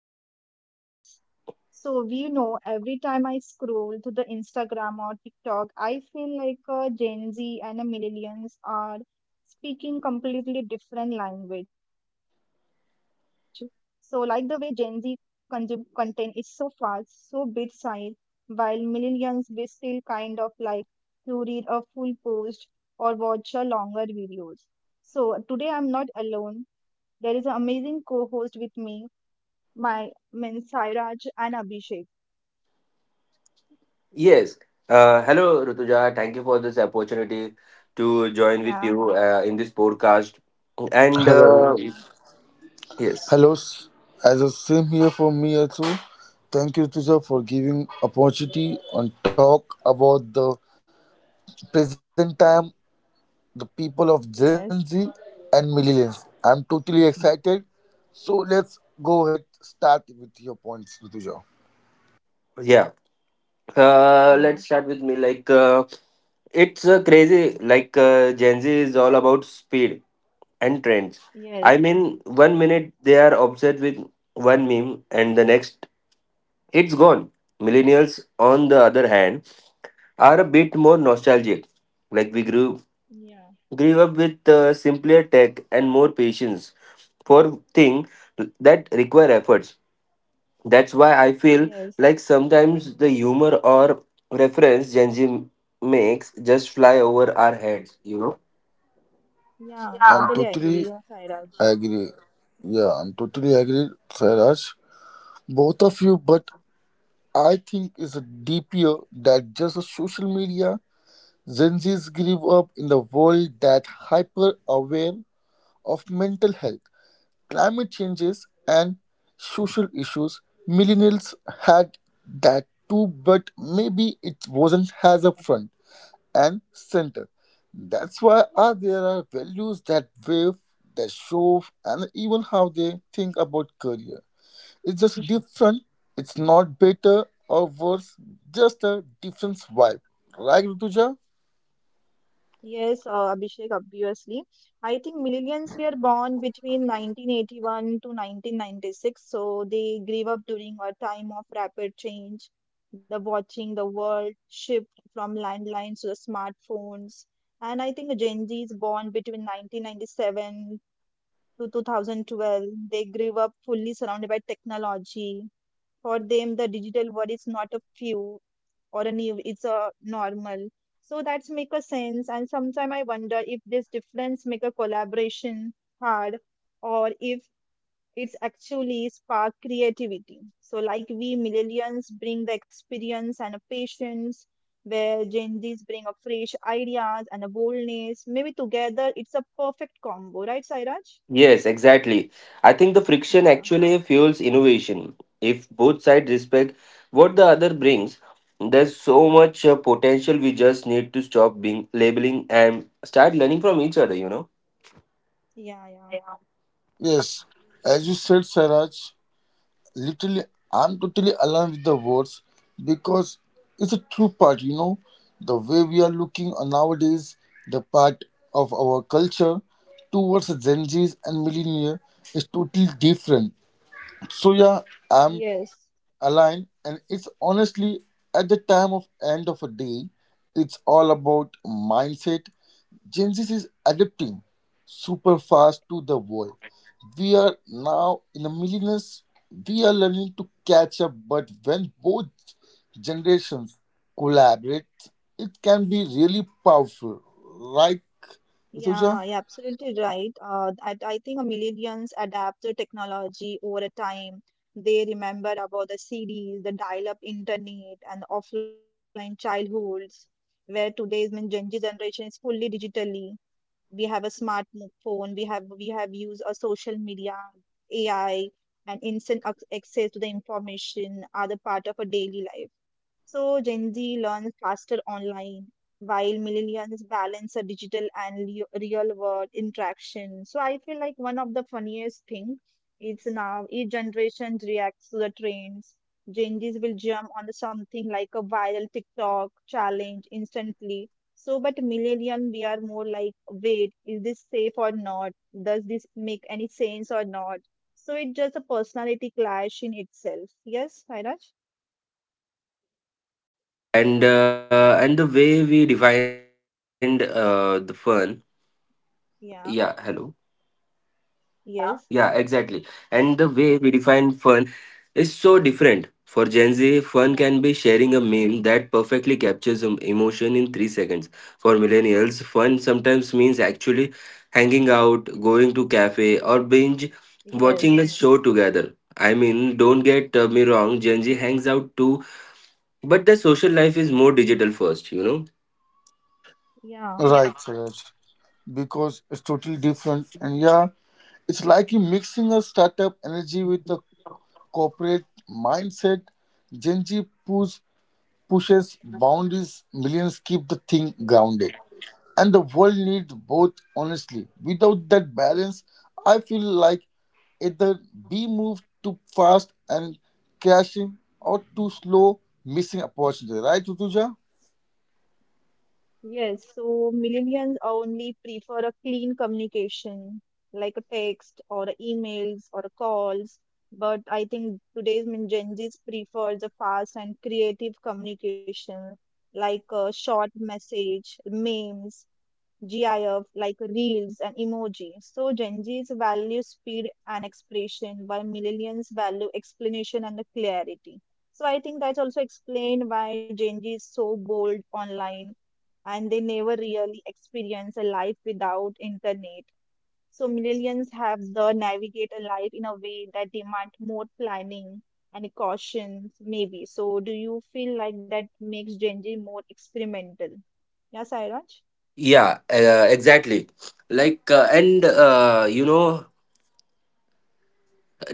versus millennials. So we know every time I scroll to the Instagram or TikTok, I feel like Gen Z and millennials are speaking completely different language. So like the way Gen Z consume content is so fast, so big size while millennials we still kind of like to read a full post or watch a longer videos. So today I'm not alone. There is an amazing co-host with me, my men Sairaj and Abhishek. Yes. Hello, Rutuja. Thank you for this opportunity to join with Yeah, you in this podcast. And yeah, Hello, yes, hello. As a same here for me also. Thank you, Tuja, for giving opportunity and talk about the present time, the people of Gen yes, Z and millennials. I'm totally excited. So let's go ahead, start with your points, Tuja. yeah. Uh, yeah, let's start with me. Like, it's crazy. Like, Gen Z is all about speed and trends. I yes, mean, one yeah, minute they are obsessed with one meme, and the next it's gone. Millennials, on the other hand, are a bit more nostalgic. Like, we grew yeah, grew up with simpler tech and more patience for things that require efforts. That's why I feel yes, like sometimes the humor or reference Gen Z makes just fly over our heads, you know? yeah. I'm Totally agree, totally yeah, Sairaj. agree. Yeah, I'm totally agree, Sairaj. Both of you, but I think it's a deeper that just a social media. Gen Zs grew up in a world that hyper aware of mental health, climate changes, and social issues. Millennials had that too, but maybe it wasn't as upfront and center. That's why are there are values that wave, that show, and even how they think about career. It's just different. It's not better or worse. Just a different vibe. Right, Rutuja? Yes, Abhishek, obviously. I think millennials were born between 1981 to 1996, so they grew up during a time of rapid change, the watching the world shift from landlines to the smartphones. And I think Gen Z is born between 1997 to 2012. They grew up fully surrounded by technology. For them, the digital world is not a few or a new, it's a normal. So that's make a sense. And sometimes I wonder if this difference make a collaboration hard or if it's actually spark creativity. So like we millennials bring the experience and a patience where Gen Z's bring a fresh ideas and a boldness. Maybe together it's a perfect combo, right, Sairaj? Yes, exactly. I think the friction Yeah, actually fuels innovation. If both sides respect what the other brings, there's so much potential. We just need to stop being labeling and start learning from each other, you know? yeah, yeah. Yes, as you So said, Saraj, literally, I'm totally aligned with the words because it's a true part, you know, the way we are looking on nowadays, the part of our culture towards the Gen Zs and millennial is totally different. So yeah, I'm yes. aligned, and it's honestly at the time of end of a day, it's all about mindset. Gen Z is adapting super fast to the world. We are now in the millennials. We are learning to catch up, but when both generations collaborate, it can be really powerful. Right, Suja? Yeah, you're absolutely right. I think millennials adapt the technology over a time. They remember about the CDs, the dial-up internet, and offline childhoods, where today's mean Gen Z generation is fully digitally. We have a smartphone. We have used a social media, AI, and instant access to the information are the part of a daily life. So Gen Z learns faster online while millennials balance a digital and real world interaction. So I feel like one of the funniest thing is now each generation reacts to the trends. Gen Zs will jump on something like a viral TikTok challenge instantly. So, but millennial, we are more like, wait, is this safe or not? Does this make any sense or not? So it's just a personality clash in itself. Yes, Sairaj? And the way we defined the fun yeah Hello. Yeah. Yeah, exactly, Yes. and the way we define fun is so different. For Gen Z, fun can be Yeah. sharing a meme that perfectly captures emotion in 3 seconds. For millennials, fun sometimes means actually hanging out, going to cafe, or binge watching a Yes. show together. I mean, don't get me wrong, Gen Z hangs out too, but the social life is more digital first, you know. Yeah. Right, Suraj. Because it's totally different, and yeah, it's like you mixing a startup energy with a corporate mindset. Gen Z pulls. Pushes boundaries, millions keep the thing grounded. And the world needs both, honestly. Without that balance, I feel like either we move too fast and crashing or too slow, missing opportunity. Right, Utuja? Yes, so millennials only prefer a clean communication like a text or a emails or a calls. But I think today's Gen Zs prefers a fast and creative communication like a short message, memes, GIF like reels and emoji. So Gen Z's value speed and expression, while millennials value explanation and the clarity. So I think that's also explained why Gen Z is so bold online and they never really experience a life without internet. So millennials have the navigate a life in a way that demand more planning and caution, maybe. So do you feel like that makes Gen Z more experimental? Yes, Airaj? Yeah, exactly. Like, and you know,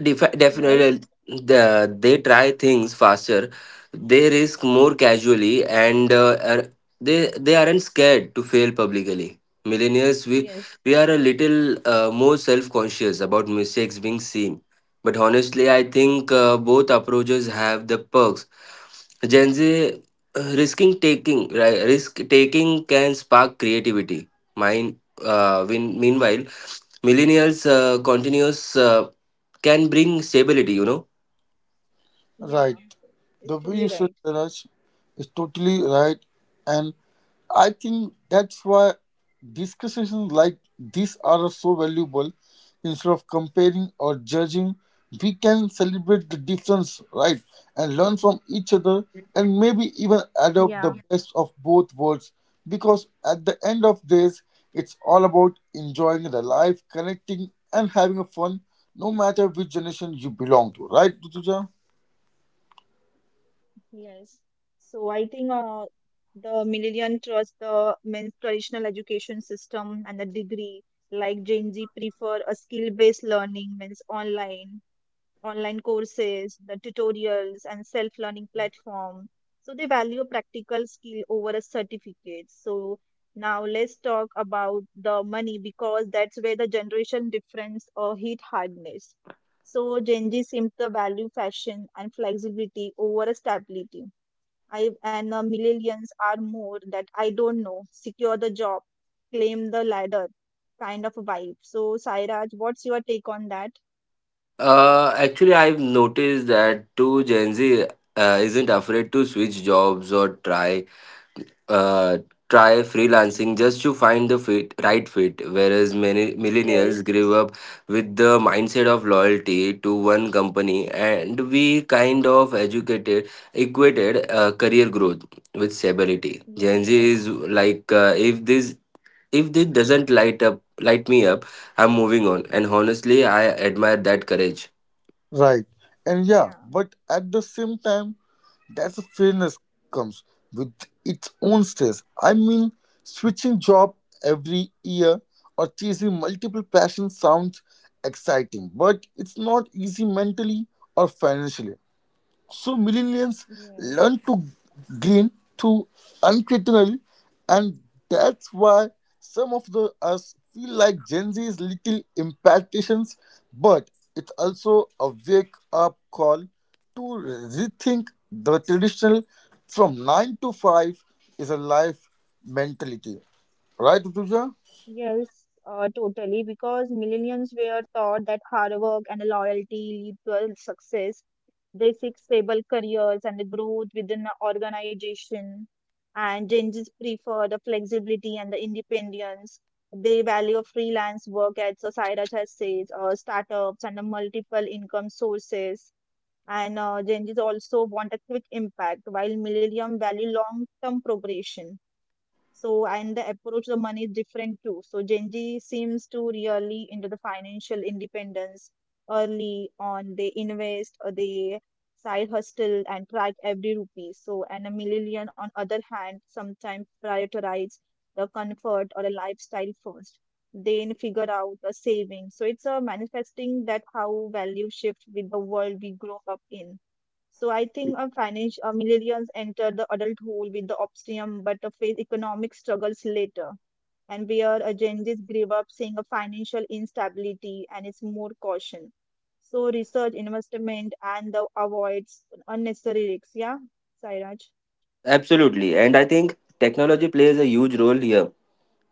Defi- Definitely Yes. They try things faster, they risk more casually, and they aren't scared to fail publicly. Millennials, Yes. we are a little more self-conscious about mistakes being seen, but honestly I think both approaches have the perks. Gen z risking taking right, Risk taking can spark creativity. mine Meanwhile, millennials continuous can bring stability, you know. Right. Yeah, The it's way you truly said right. Raj is totally right, and I think that's why discussions like this are so valuable. Instead of comparing or judging, we can celebrate the difference, right, and learn from each other, Yeah, and maybe even adopt the best of both worlds. Because at the end of days, it's all about enjoying the life, connecting, and having a fun, no matter which generation you belong to, right, Tutuja? yes. So I think the millennial trust the men's traditional education system and the degree, like Gen Z prefer a skill-based learning means online courses, the tutorials, and self learning platform. So they value practical skill over a certificate. So now let's talk about the money because that's where the generation difference or hit hardness. So Gen Z seems to value fashion and flexibility over stability. I and millennials are more that I don't know, secure the job, claim the ladder kind of vibe. So Sairaj, what's your take on that? Actually, I've noticed that too. Gen Z isn't afraid to switch jobs or uh, try freelancing just to find the right fit, whereas many millennials Yes. grew up with the mindset of loyalty to one company, and we kind of educated equated career growth with stability. Gen Yes. Z is like, if this doesn't light me up, I'm moving on. And honestly, I admire that courage. Right. And yeah, Yeah. but at the same time, that's a fairness comes with its own stress. I mean, switching job every year or chasing multiple passions sounds exciting, but it's not easy mentally or financially. So millennials Yes. learn to glean through uncritically, and that's why some of the us feel like Gen Z is little impatience, but it's also a wake-up call to rethink the traditional from 9 to 5 is a life mentality. Right, Tuja? Yes, totally. Because millennials were taught that hard work and loyalty lead to success. They seek stable careers and the growth within the organization. And Gen Zs prefer the flexibility and the independence. They value freelance work, as Sairaj has said, startups and the multiple income sources. And Gen Zs also want a quick impact, while millennium value long-term progression. So, and the approach the money is different too. So, Gen Z seems to really into the financial independence early on. They invest or they side hustle and track every rupee. So, and a millennial on other hand sometimes prioritize the comfort or the lifestyle first. Then figure out the saving. So it's a manifesting that how value shift with the world we grow up in. So I think financial millennials enter the adulthood with the optimism, but face economic struggles later. And where Gen Zs grew up seeing a financial instability and is more caution. So research, investment, and the avoids unnecessary risks. Yeah, Sairaj. Absolutely, and I think technology plays a huge role here.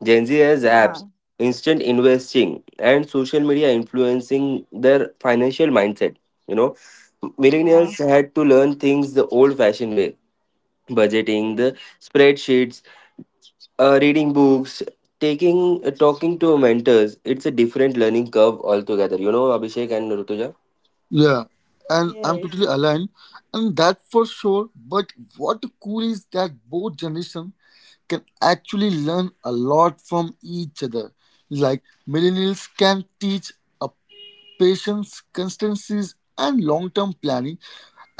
Gen Z has apps, Yeah, instant investing, and social media influencing their financial mindset, you know. Millennials yeah, had to learn things the old fashioned way: budgeting, the yes, spreadsheets, reading books, taking talking to mentors. It's a different learning curve altogether, you know, Abhishek and Rutuja. Yeah, and I'm yes, totally aligned, and that for sure. But what cool is that both generation can actually learn a lot from each other. Like millennials can teach a patience, constancies, and long-term planning.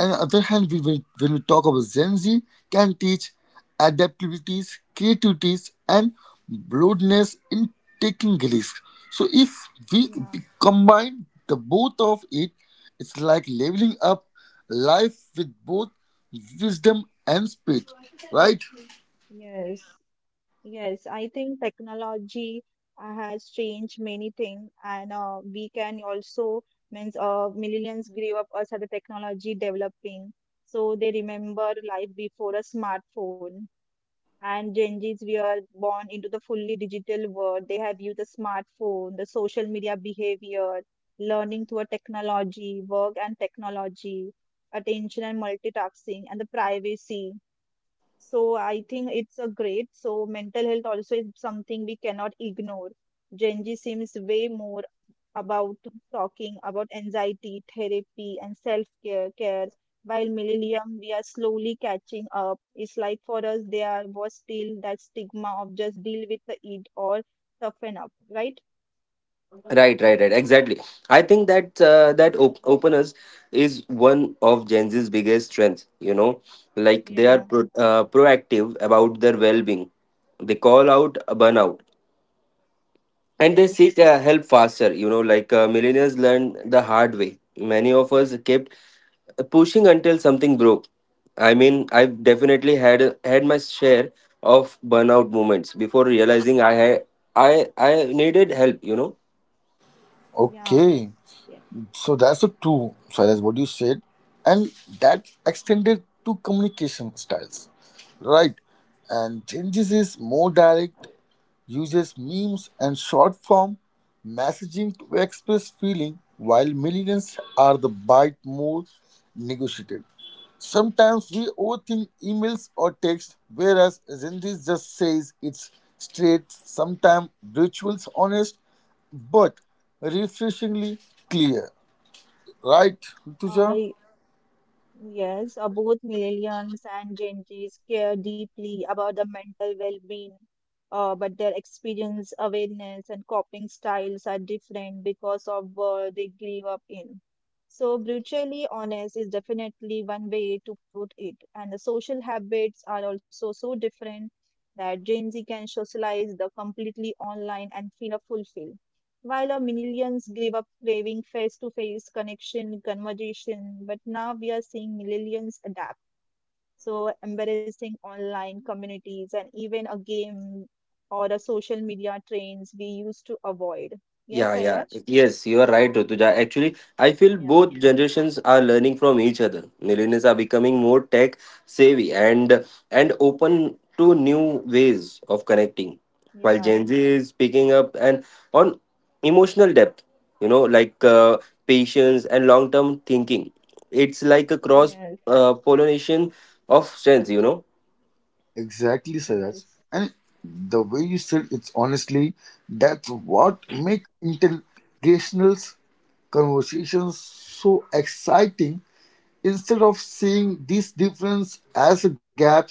On the other hand, we will, when we talk about Gen Z, can teach adaptabilities, creativities, and broadness in taking risks. So if we yeah, combine the both of it, it's like leveling up life with both wisdom and speed, right? yes. Yes, I think technology has changed many things, and we can also means millennials grew up as the technology developing, so they remember life before a smartphone. And Gen Zs, we are born into the fully digital world. They have used the smartphone, the social media behavior, learning through a technology, work and technology, attention and multitasking, and the privacy. So I think it's a great. So mental health also is something we cannot ignore. Gen Z seems way more about talking about anxiety, therapy, and self care. While millennium, we are slowly catching up. It's like for us, there was still that stigma of just deal with the it or toughen up, right? Right, right, right. Exactly. I think that openness is one of Gen Z's biggest strengths. You know, like they are Yeah. Proactive about their well-being. They call out a burnout, and they Yes. seek help faster. You know, like millennials learned the hard way. Many of us kept pushing until something broke. I mean, I've definitely had my share of burnout moments before realizing I had I needed help. You know. Yeah. Okay. Yeah. So that's the two, so that's what you said, and that extended to communication styles, right? And changes is more direct, uses memes and short form messaging to express feeling, while millennials are the bite more negotiated. Sometimes we overthink emails or text, whereas Gen Zendis just says it's straight, sometimes rituals honest, but refreshingly clear. Right, Rituja? Uh, Yes, both millennials and Gen Zs care deeply about the mental well-being, but their experience, awareness, and coping styles are different because of where they grew up in. So, brutally honest is definitely one way to put it, and the social habits are also so different that Gen Z can socialize the completely online and feel fulfilled while our millions gave up craving face to face connection, conversation, but now we are seeing millions adapt. So, embracing online communities and even a game or the social media trends we used to avoid. Yes, Yeah, yeah. Iraj? Yes, you are right, Rutuja. Actually, I feel Yeah, both generations are learning from each other. Millennials are becoming more tech savvy and open to new ways of connecting, while yeah, Gen Z is picking up and on emotional depth. You know, like patience and long term thinking. It's like a cross yes, uh, pollination of strengths. You know. Exactly, Siraj. yes. And the way you said it's honestly, that's what makes intergenerational conversations so exciting. Instead of seeing these differences as gaps,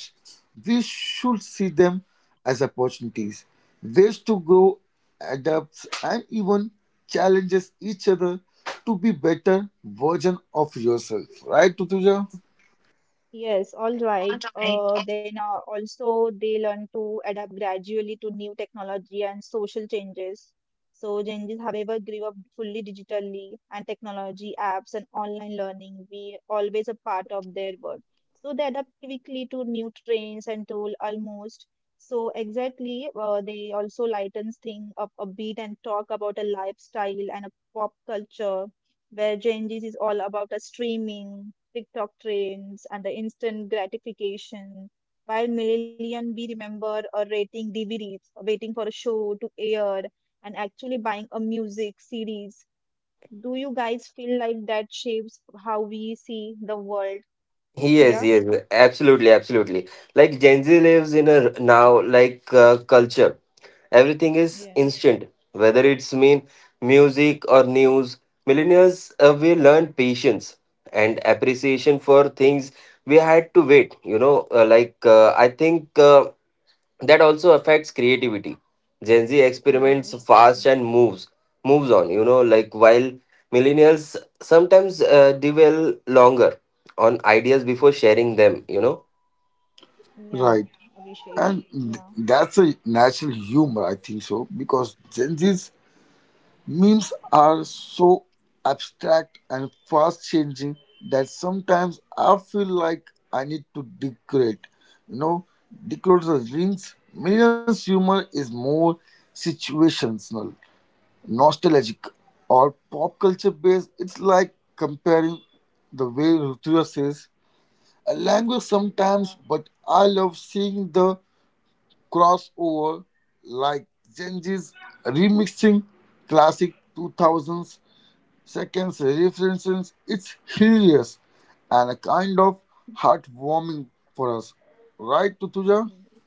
we should see them as opportunities, ways to grow, adapt, and even challenges each other to be better version of yourself. Right, Tutuja? Yes, all right. Then also they learn to adapt gradually to new technology and social changes. So Gen Zs, however, grew up fully digitally and technology apps and online learning we always a part of their world. So they adapt quickly to new trends and tool almost. So exactly, they also lightens thing up a bit and talk about a lifestyle and a pop culture where Gen Zs is all about a streaming TikTok trends, and the instant gratification. While million we remember rating DVDs, waiting for a show to air, and actually buying a music series. Do you guys feel like that shapes how we see the world? Yes, Yeah. yes, absolutely, absolutely. Like Gen Z lives in a r- now like culture. Everything is Yes. instant, whether it's mean music or news. Millennials, we learned patience and appreciation for things we had to wait. You know. Like I think. That also affects creativity. Gen Z experiments Yes. fast and moves on, you know, like while millennials sometimes dwell longer on ideas before sharing them, you know. Yeah, Right. Abhishek. And th- Yeah. that's a natural humor, I think so, because Gen Z's memes are so abstract and fast changing that sometimes I feel like I need to decorate. You know, decorate the rings. Millennials' humor is more situational, nostalgic, or pop culture based. It's like comparing the way Rutuja says a language sometimes, Yeah. but I love seeing the crossover like Genji's remixing classic 2000s seconds references. It's hilarious and a kind of heartwarming for us. Right, Tutuja?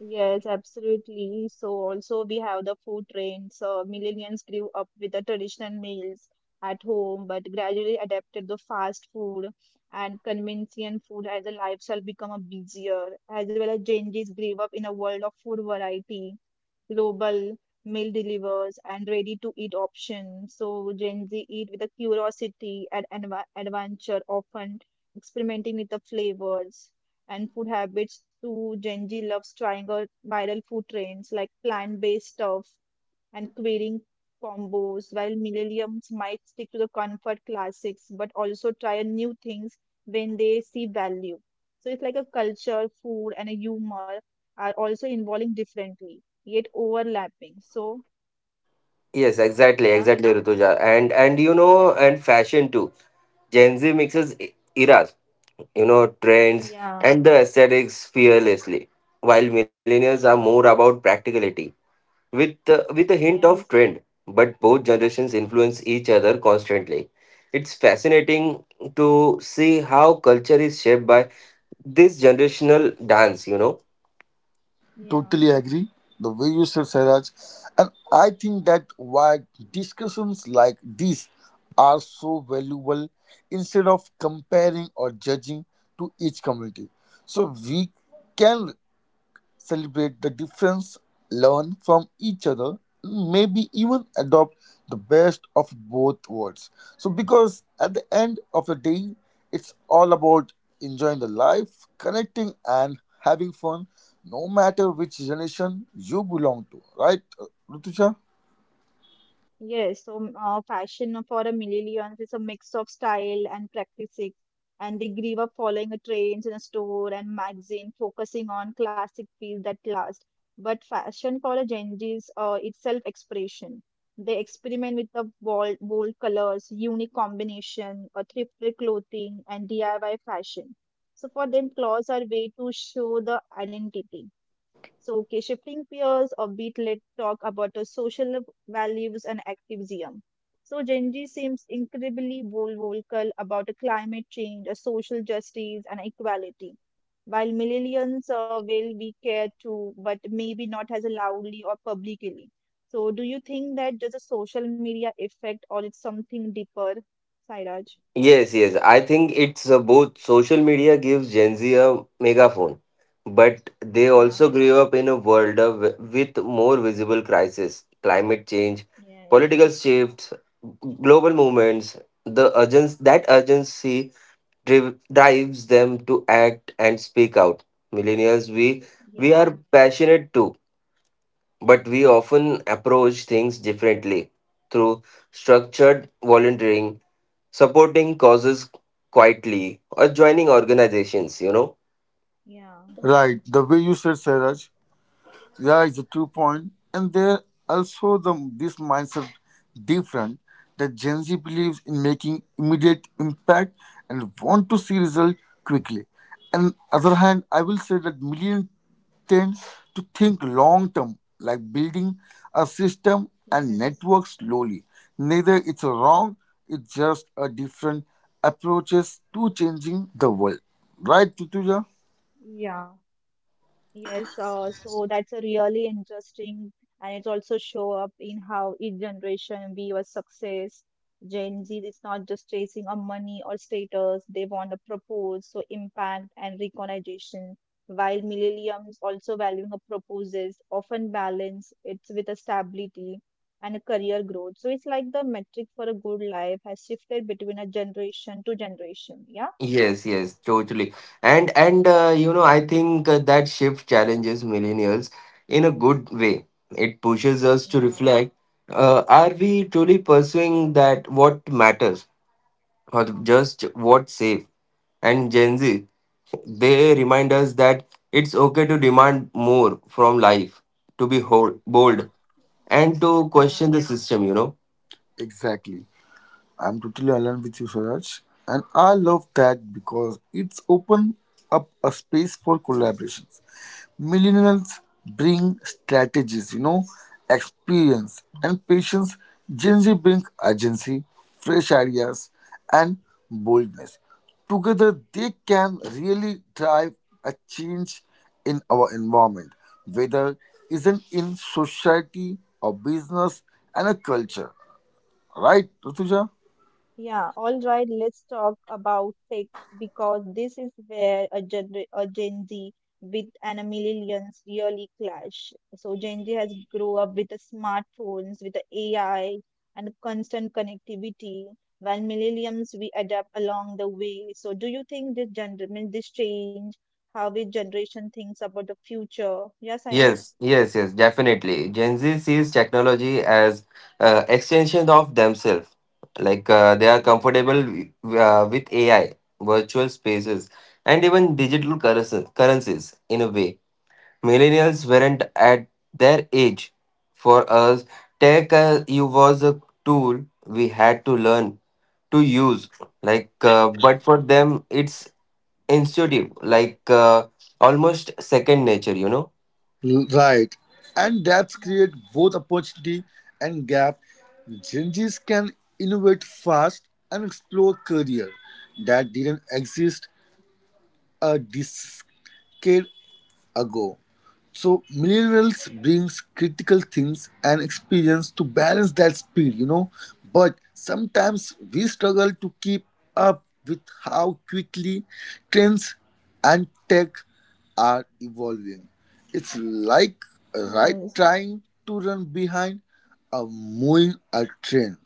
Yes, absolutely. So also we have the food trends. Millennials grew up with the traditional meals at home, but gradually adapted the fast food and convenient food as the lifestyle become a busier, as well as Gen Zs grew up in a world of food variety, global meal delivers and ready to eat options. So Gen Z eat with a curiosity and adventure, often experimenting with the flavors and food habits. Too Gen Z loves trying out viral food trends like plant-based stuff and creating combos. While millennials might stick to the comfort classics, but also try new things when they see value. So it's like a culture, food, and a humor are also evolving differently yet overlapping. So Yes, exactly, yeah, exactly, Rituja. And you know, and fashion too. Gen Z mixes eras, you know, trends yeah, and the aesthetics fearlessly, while millennials are more about practicality with a hint of yes, trend, but both generations influence each other constantly. It's fascinating to see how culture is shaped by this generational dance, you know. yeah, Totally agree. The way you said, Saraj. And I think that why discussions like this are so valuable instead of comparing or judging to each community. So we can celebrate the difference, learn from each other, maybe even adopt the best of both worlds. So, because at the end of the day, it's all about enjoying the life, connecting, and having fun, no matter which generation you belong to, right, Rutuja? yes. So, fashion for a millennials is a mix of style and practicing, and they grew up following a trends in a store and magazine, focusing on classic pieces that last. But fashion for a Gen Z is it's self-expression. They experiment with the bold, bold colors, unique combination, or thrifted clothing, and DIY fashion. So for them, clothes are way to show the identity. So, okay, shifting peers or beat, let's talk about the social values and activism. So, Gen Z seems incredibly vocal about the climate change, social justice, and equality. While millennials will be care too, but maybe not as loudly or publicly. So, do you think that just a social media effect or it's something deeper, Sairaj? Yes, yes, I think it's both. Social media gives Gen Z a megaphone, but they Yeah, also grew up in a world of, with more visible crises: climate change, yes, political shifts, global movements. The urgency drives them to act and speak out. Millennials, we yeah, are passionate too, but we often approach things differently through structured volunteering, supporting causes quietly, or joining organizations. You know. yeah, Right, the way you said, Sairaj. Yeah, it's a two point and there also the this mindset different that Gen Z believes in making immediate impact and want to see result quickly, and other hand I will say that million tend to think long term like building a system yes, and network slowly. Neither it's wrong, it's just a different approaches to changing the world, right, Tutuja? yeah. Yes, so that's a really interesting, and it also show up in how each generation views success. Gen Z is not just chasing a money or status; they want to propose, so impact and recognition. While millennials also valuing a proposes, often balance it with a stability and a career growth. So it's like the metric for a good life has shifted between a generation to generation. Yeah, Yes, yes, totally. And you know, I think that shift challenges millennials in a good way. It pushes us to yeah, reflect. Are we truly pursuing that what matters, or just what's safe? And Gen Z, they remind us that it's okay to demand more from life, to be bold, and to question the yeah. system, you know. Exactly. I'm totally aligned with you, Swaraj. And I love that because it's opened up a space for collaborations. Millennials bring strategies, you know, experience and patience. Gen Z bring urgency, fresh ideas, and boldness. Together, they can really drive a change in our environment, whether isn't in society or business and a culture. Right, Rutuja? Yeah, all right, let's talk about tech because this is where a Gen Z with and a millennials really clash. So Gen Z has grown up with the smartphones, with the AI and constant connectivity, while millennials we adapt along the way. So do you think this mean this change how this generation thinks about the future? Yes, Sairaj? Yes, yes, yes, definitely. Gen Z sees technology as extension of themselves. Like they are Yeah, comfortable with AI, virtual spaces, and even digital currencies in a way millennials weren't at their age. For us, tech you was a tool we had to learn to use. But for them, it's intuitive, almost second nature. You know. Right. And yeah. that's create both opportunity and gap. Gen Zs can innovate fast and explore career that didn't exist a decade ago. So millennials brings critical things and experience to balance that speed, you know. But sometimes we struggle to keep up with how quickly trends and tech are evolving. It's like right Yes. trying to run behind a moving a train,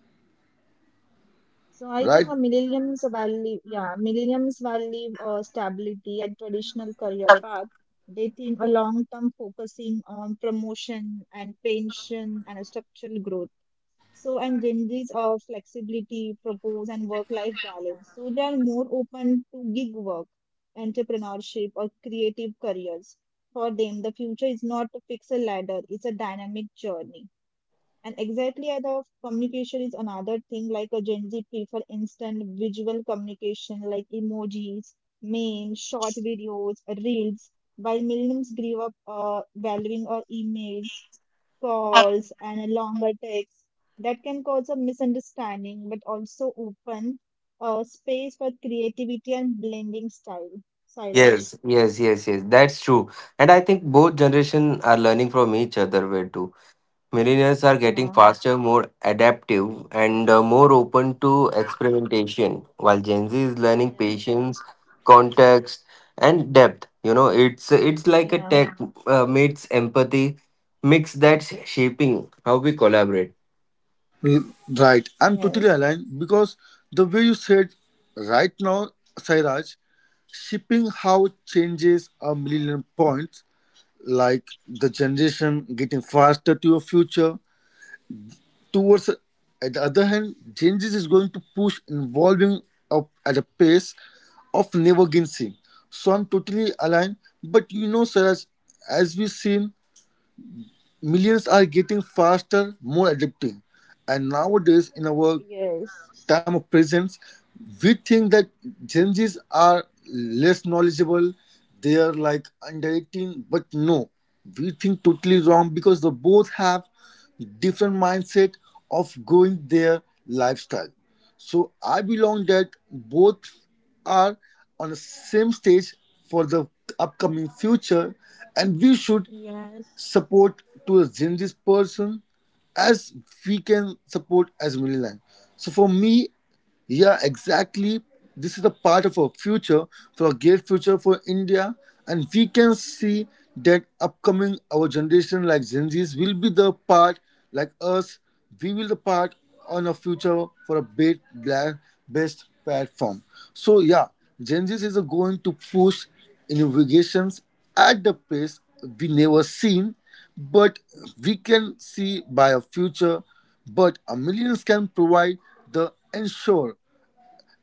So I right? think a millennials while live, yeah, millennials while live stability and traditional career path, they think a long term focusing on promotion and pension and a structural growth. So and Gen Z's flexibility, propose and work life balance. So they are more open to gig work, entrepreneurship or creative careers. For them, the future is not a fixed ladder; it's a dynamic journey. And exactly at the communication is another thing like a Gen Z prefer instant visual communication like emojis, memes, short videos, reels, while millennials grew up valuing our emails, calls, and a longer texts that can cause a misunderstanding but also open space for creativity and blending style. Sairaj? Yes, yes, yes, yes. That's true, and I think both generation are learning from each other way too. Millennials are getting Yeah. faster, more adaptive, and more open to experimentation, while Gen Z is learning Yes. patience, context, and depth. You know, it's like a Yeah. tech meets empathy mix that's shaping how we collaborate. Mm, right. I'm totally Yes. aligned because the way you said right now, Sairaj, shipping how it changes a million points, like the generation getting faster to your future. Towards at the other hand, changes is going to push involving up at a pace of never again seen. So I'm totally aligned. But you know, Sairaj, as we've seen, millions are getting faster, more adapting. And nowadays, in our Yes. time of presence, we think that Gen Zs are less knowledgeable, they are like under 18, but no, we think totally wrong because they both have different mindset of growing their lifestyle. So I belong that both are on the same stage for the upcoming future and we should Yes. support to a Gen Z person as we can support as Milan. So for me, yeah, exactly. This is a part of our future, for a great future for India, and we can see that upcoming our generation like Gen Zs will be the part like us. We will the part on a future for a big black best platform. So yeah, Gen Zs is going to push innovations at the pace we never seen, but we can see by a future but a millions can provide the. The ensure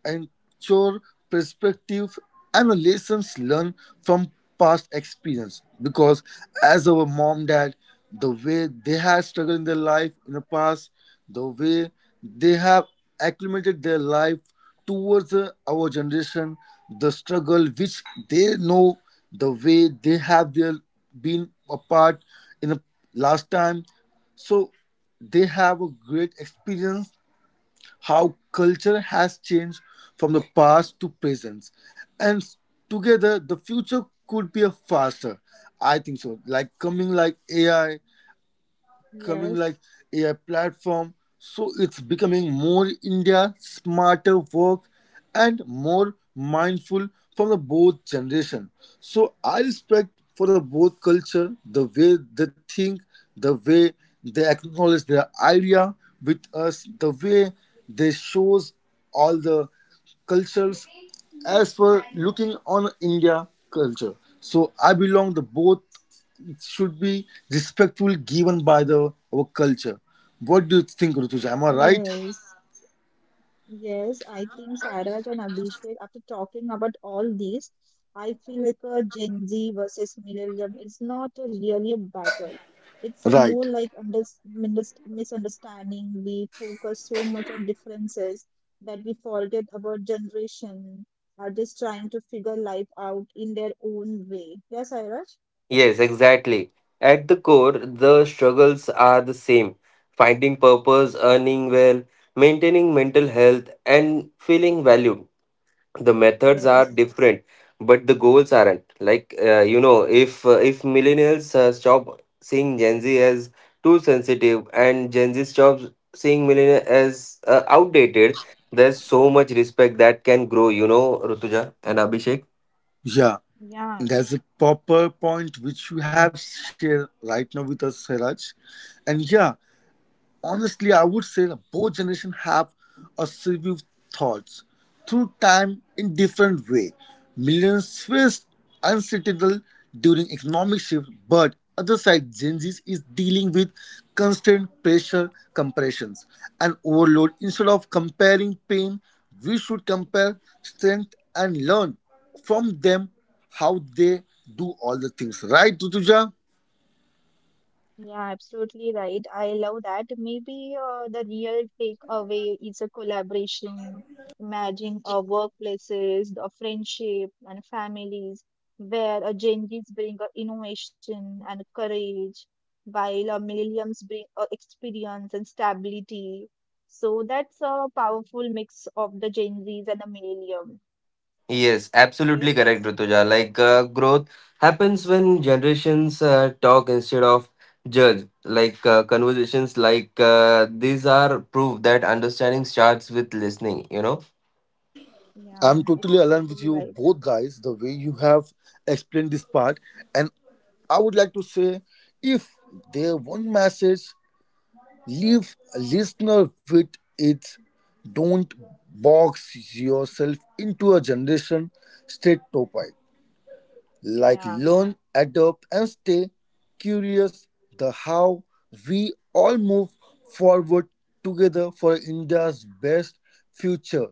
ensure perspective and the lessons learned from past experience because as our mom dad the way they have struggled in their life in the past, the way they have acclimated their life towards our generation, the struggle which they know, the way they have their been apart in the last time, so they have a great experience how culture has changed from the past to present. And together, the future could be a faster. I think so. Like coming like AI, coming Yes. like AI platform. So it's becoming more India, smarter work and more mindful from the both generation. So I respect for the both culture, the way they think, the way they acknowledge their idea with us, the way they shows all the cultures as for looking on India culture. So I belong to both it should be respectful given by the our culture. What do you think, Rutuja? Am I right? Yes, yes, I think Sairaj and Abhishek, after talking about all these, I feel like a Gen Z versus millennium is not a really a battle. It's Right. more like under, misunderstanding. We focus so much on differences that we forget about generation are just trying to figure life out in their own way. Yes, Sairaj? Yes, exactly. At the core, the struggles are the same: finding purpose, earning well, maintaining mental health, and feeling valued. The methods are Yes. different, but the goals aren't. If millennials stop seeing Gen Z as too sensitive, and Gen Z stops seeing millennials as outdated, there's so much respect that can grow, you know, Rutuja and Abhishek. Yeah. Yeah. That's a proper point which you have shared right now with us, Siraj. And yeah, honestly, I would say that both generations have a survived thoughts through time in different way. Millions faced uncertainty during economic shift, but other side Gen Z is dealing with constant pressure, compressions, and overload. Instead of comparing pain, we should compare strength and learn from them how they do all the things. Right, Tutuja? Yeah, absolutely right. I love that. Maybe the real takeaway is a collaboration. Imagine our workplaces, the friendship, and families where a Gen Zs bring a innovation and courage, while a millennials bring a experience and stability. So that's a powerful mix of the Gen Zs and the millennium. Yes, absolutely Yes. correct, Rutuja. Growth happens when generations talk instead of judge. Conversations like these are proof that understanding starts with listening, you know? I'm Yeah, totally it's aligned with totally you right. both guys, the way you have explained this part. And I would like to say if there one message leave a listener with it, don't box yourself into a generation state topic like Yeah, learn, adopt, and stay curious. The how we all move forward together for India's best future,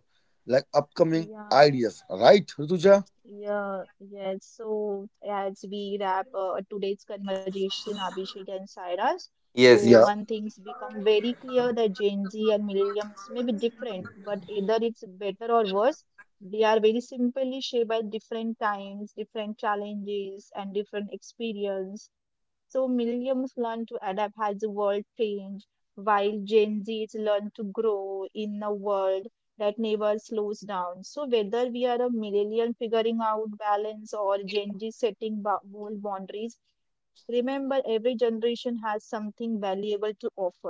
like upcoming yeah. ideas, right, Rutuja? Yeah, yes. So as we wrap today's conversation, Abhishek and Cyrus, so Yes, Yeah. yes, one thing's become very clear that Gen Z and millennials may be different, but either it's better or worse. They are very simply shaped by different times, different challenges, and different experience. So millennials learn to adapt as the world change, while Gen Zs learn to grow in a world that never slows down. So, whether we are a millennial figuring out balance or Gen Z setting bold boundaries, remember every generation has something valuable to offer.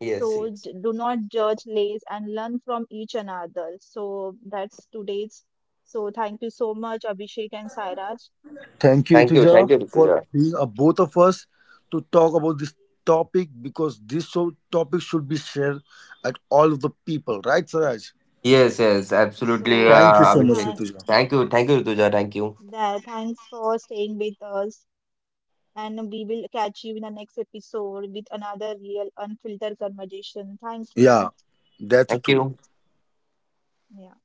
yes, So, yes. Do not judge less and learn from each another. So, that's today's. So, thank you so much, Abhishek and Sairaj. Thank you, Rutuja, Thank you, for Rituja. being a, both of us to talk about this topic because this so topic should be shared at all of the people, right, Saraj? Yes, yes, absolutely, So, Thank you so much, Abhishek. thank, Rituja. Thank you, Rituja. Thank you, thanks for staying with us. And we will catch you in the next episode with another real unfiltered conversation. Thank you. Yeah, that's thank true. you. Yeah.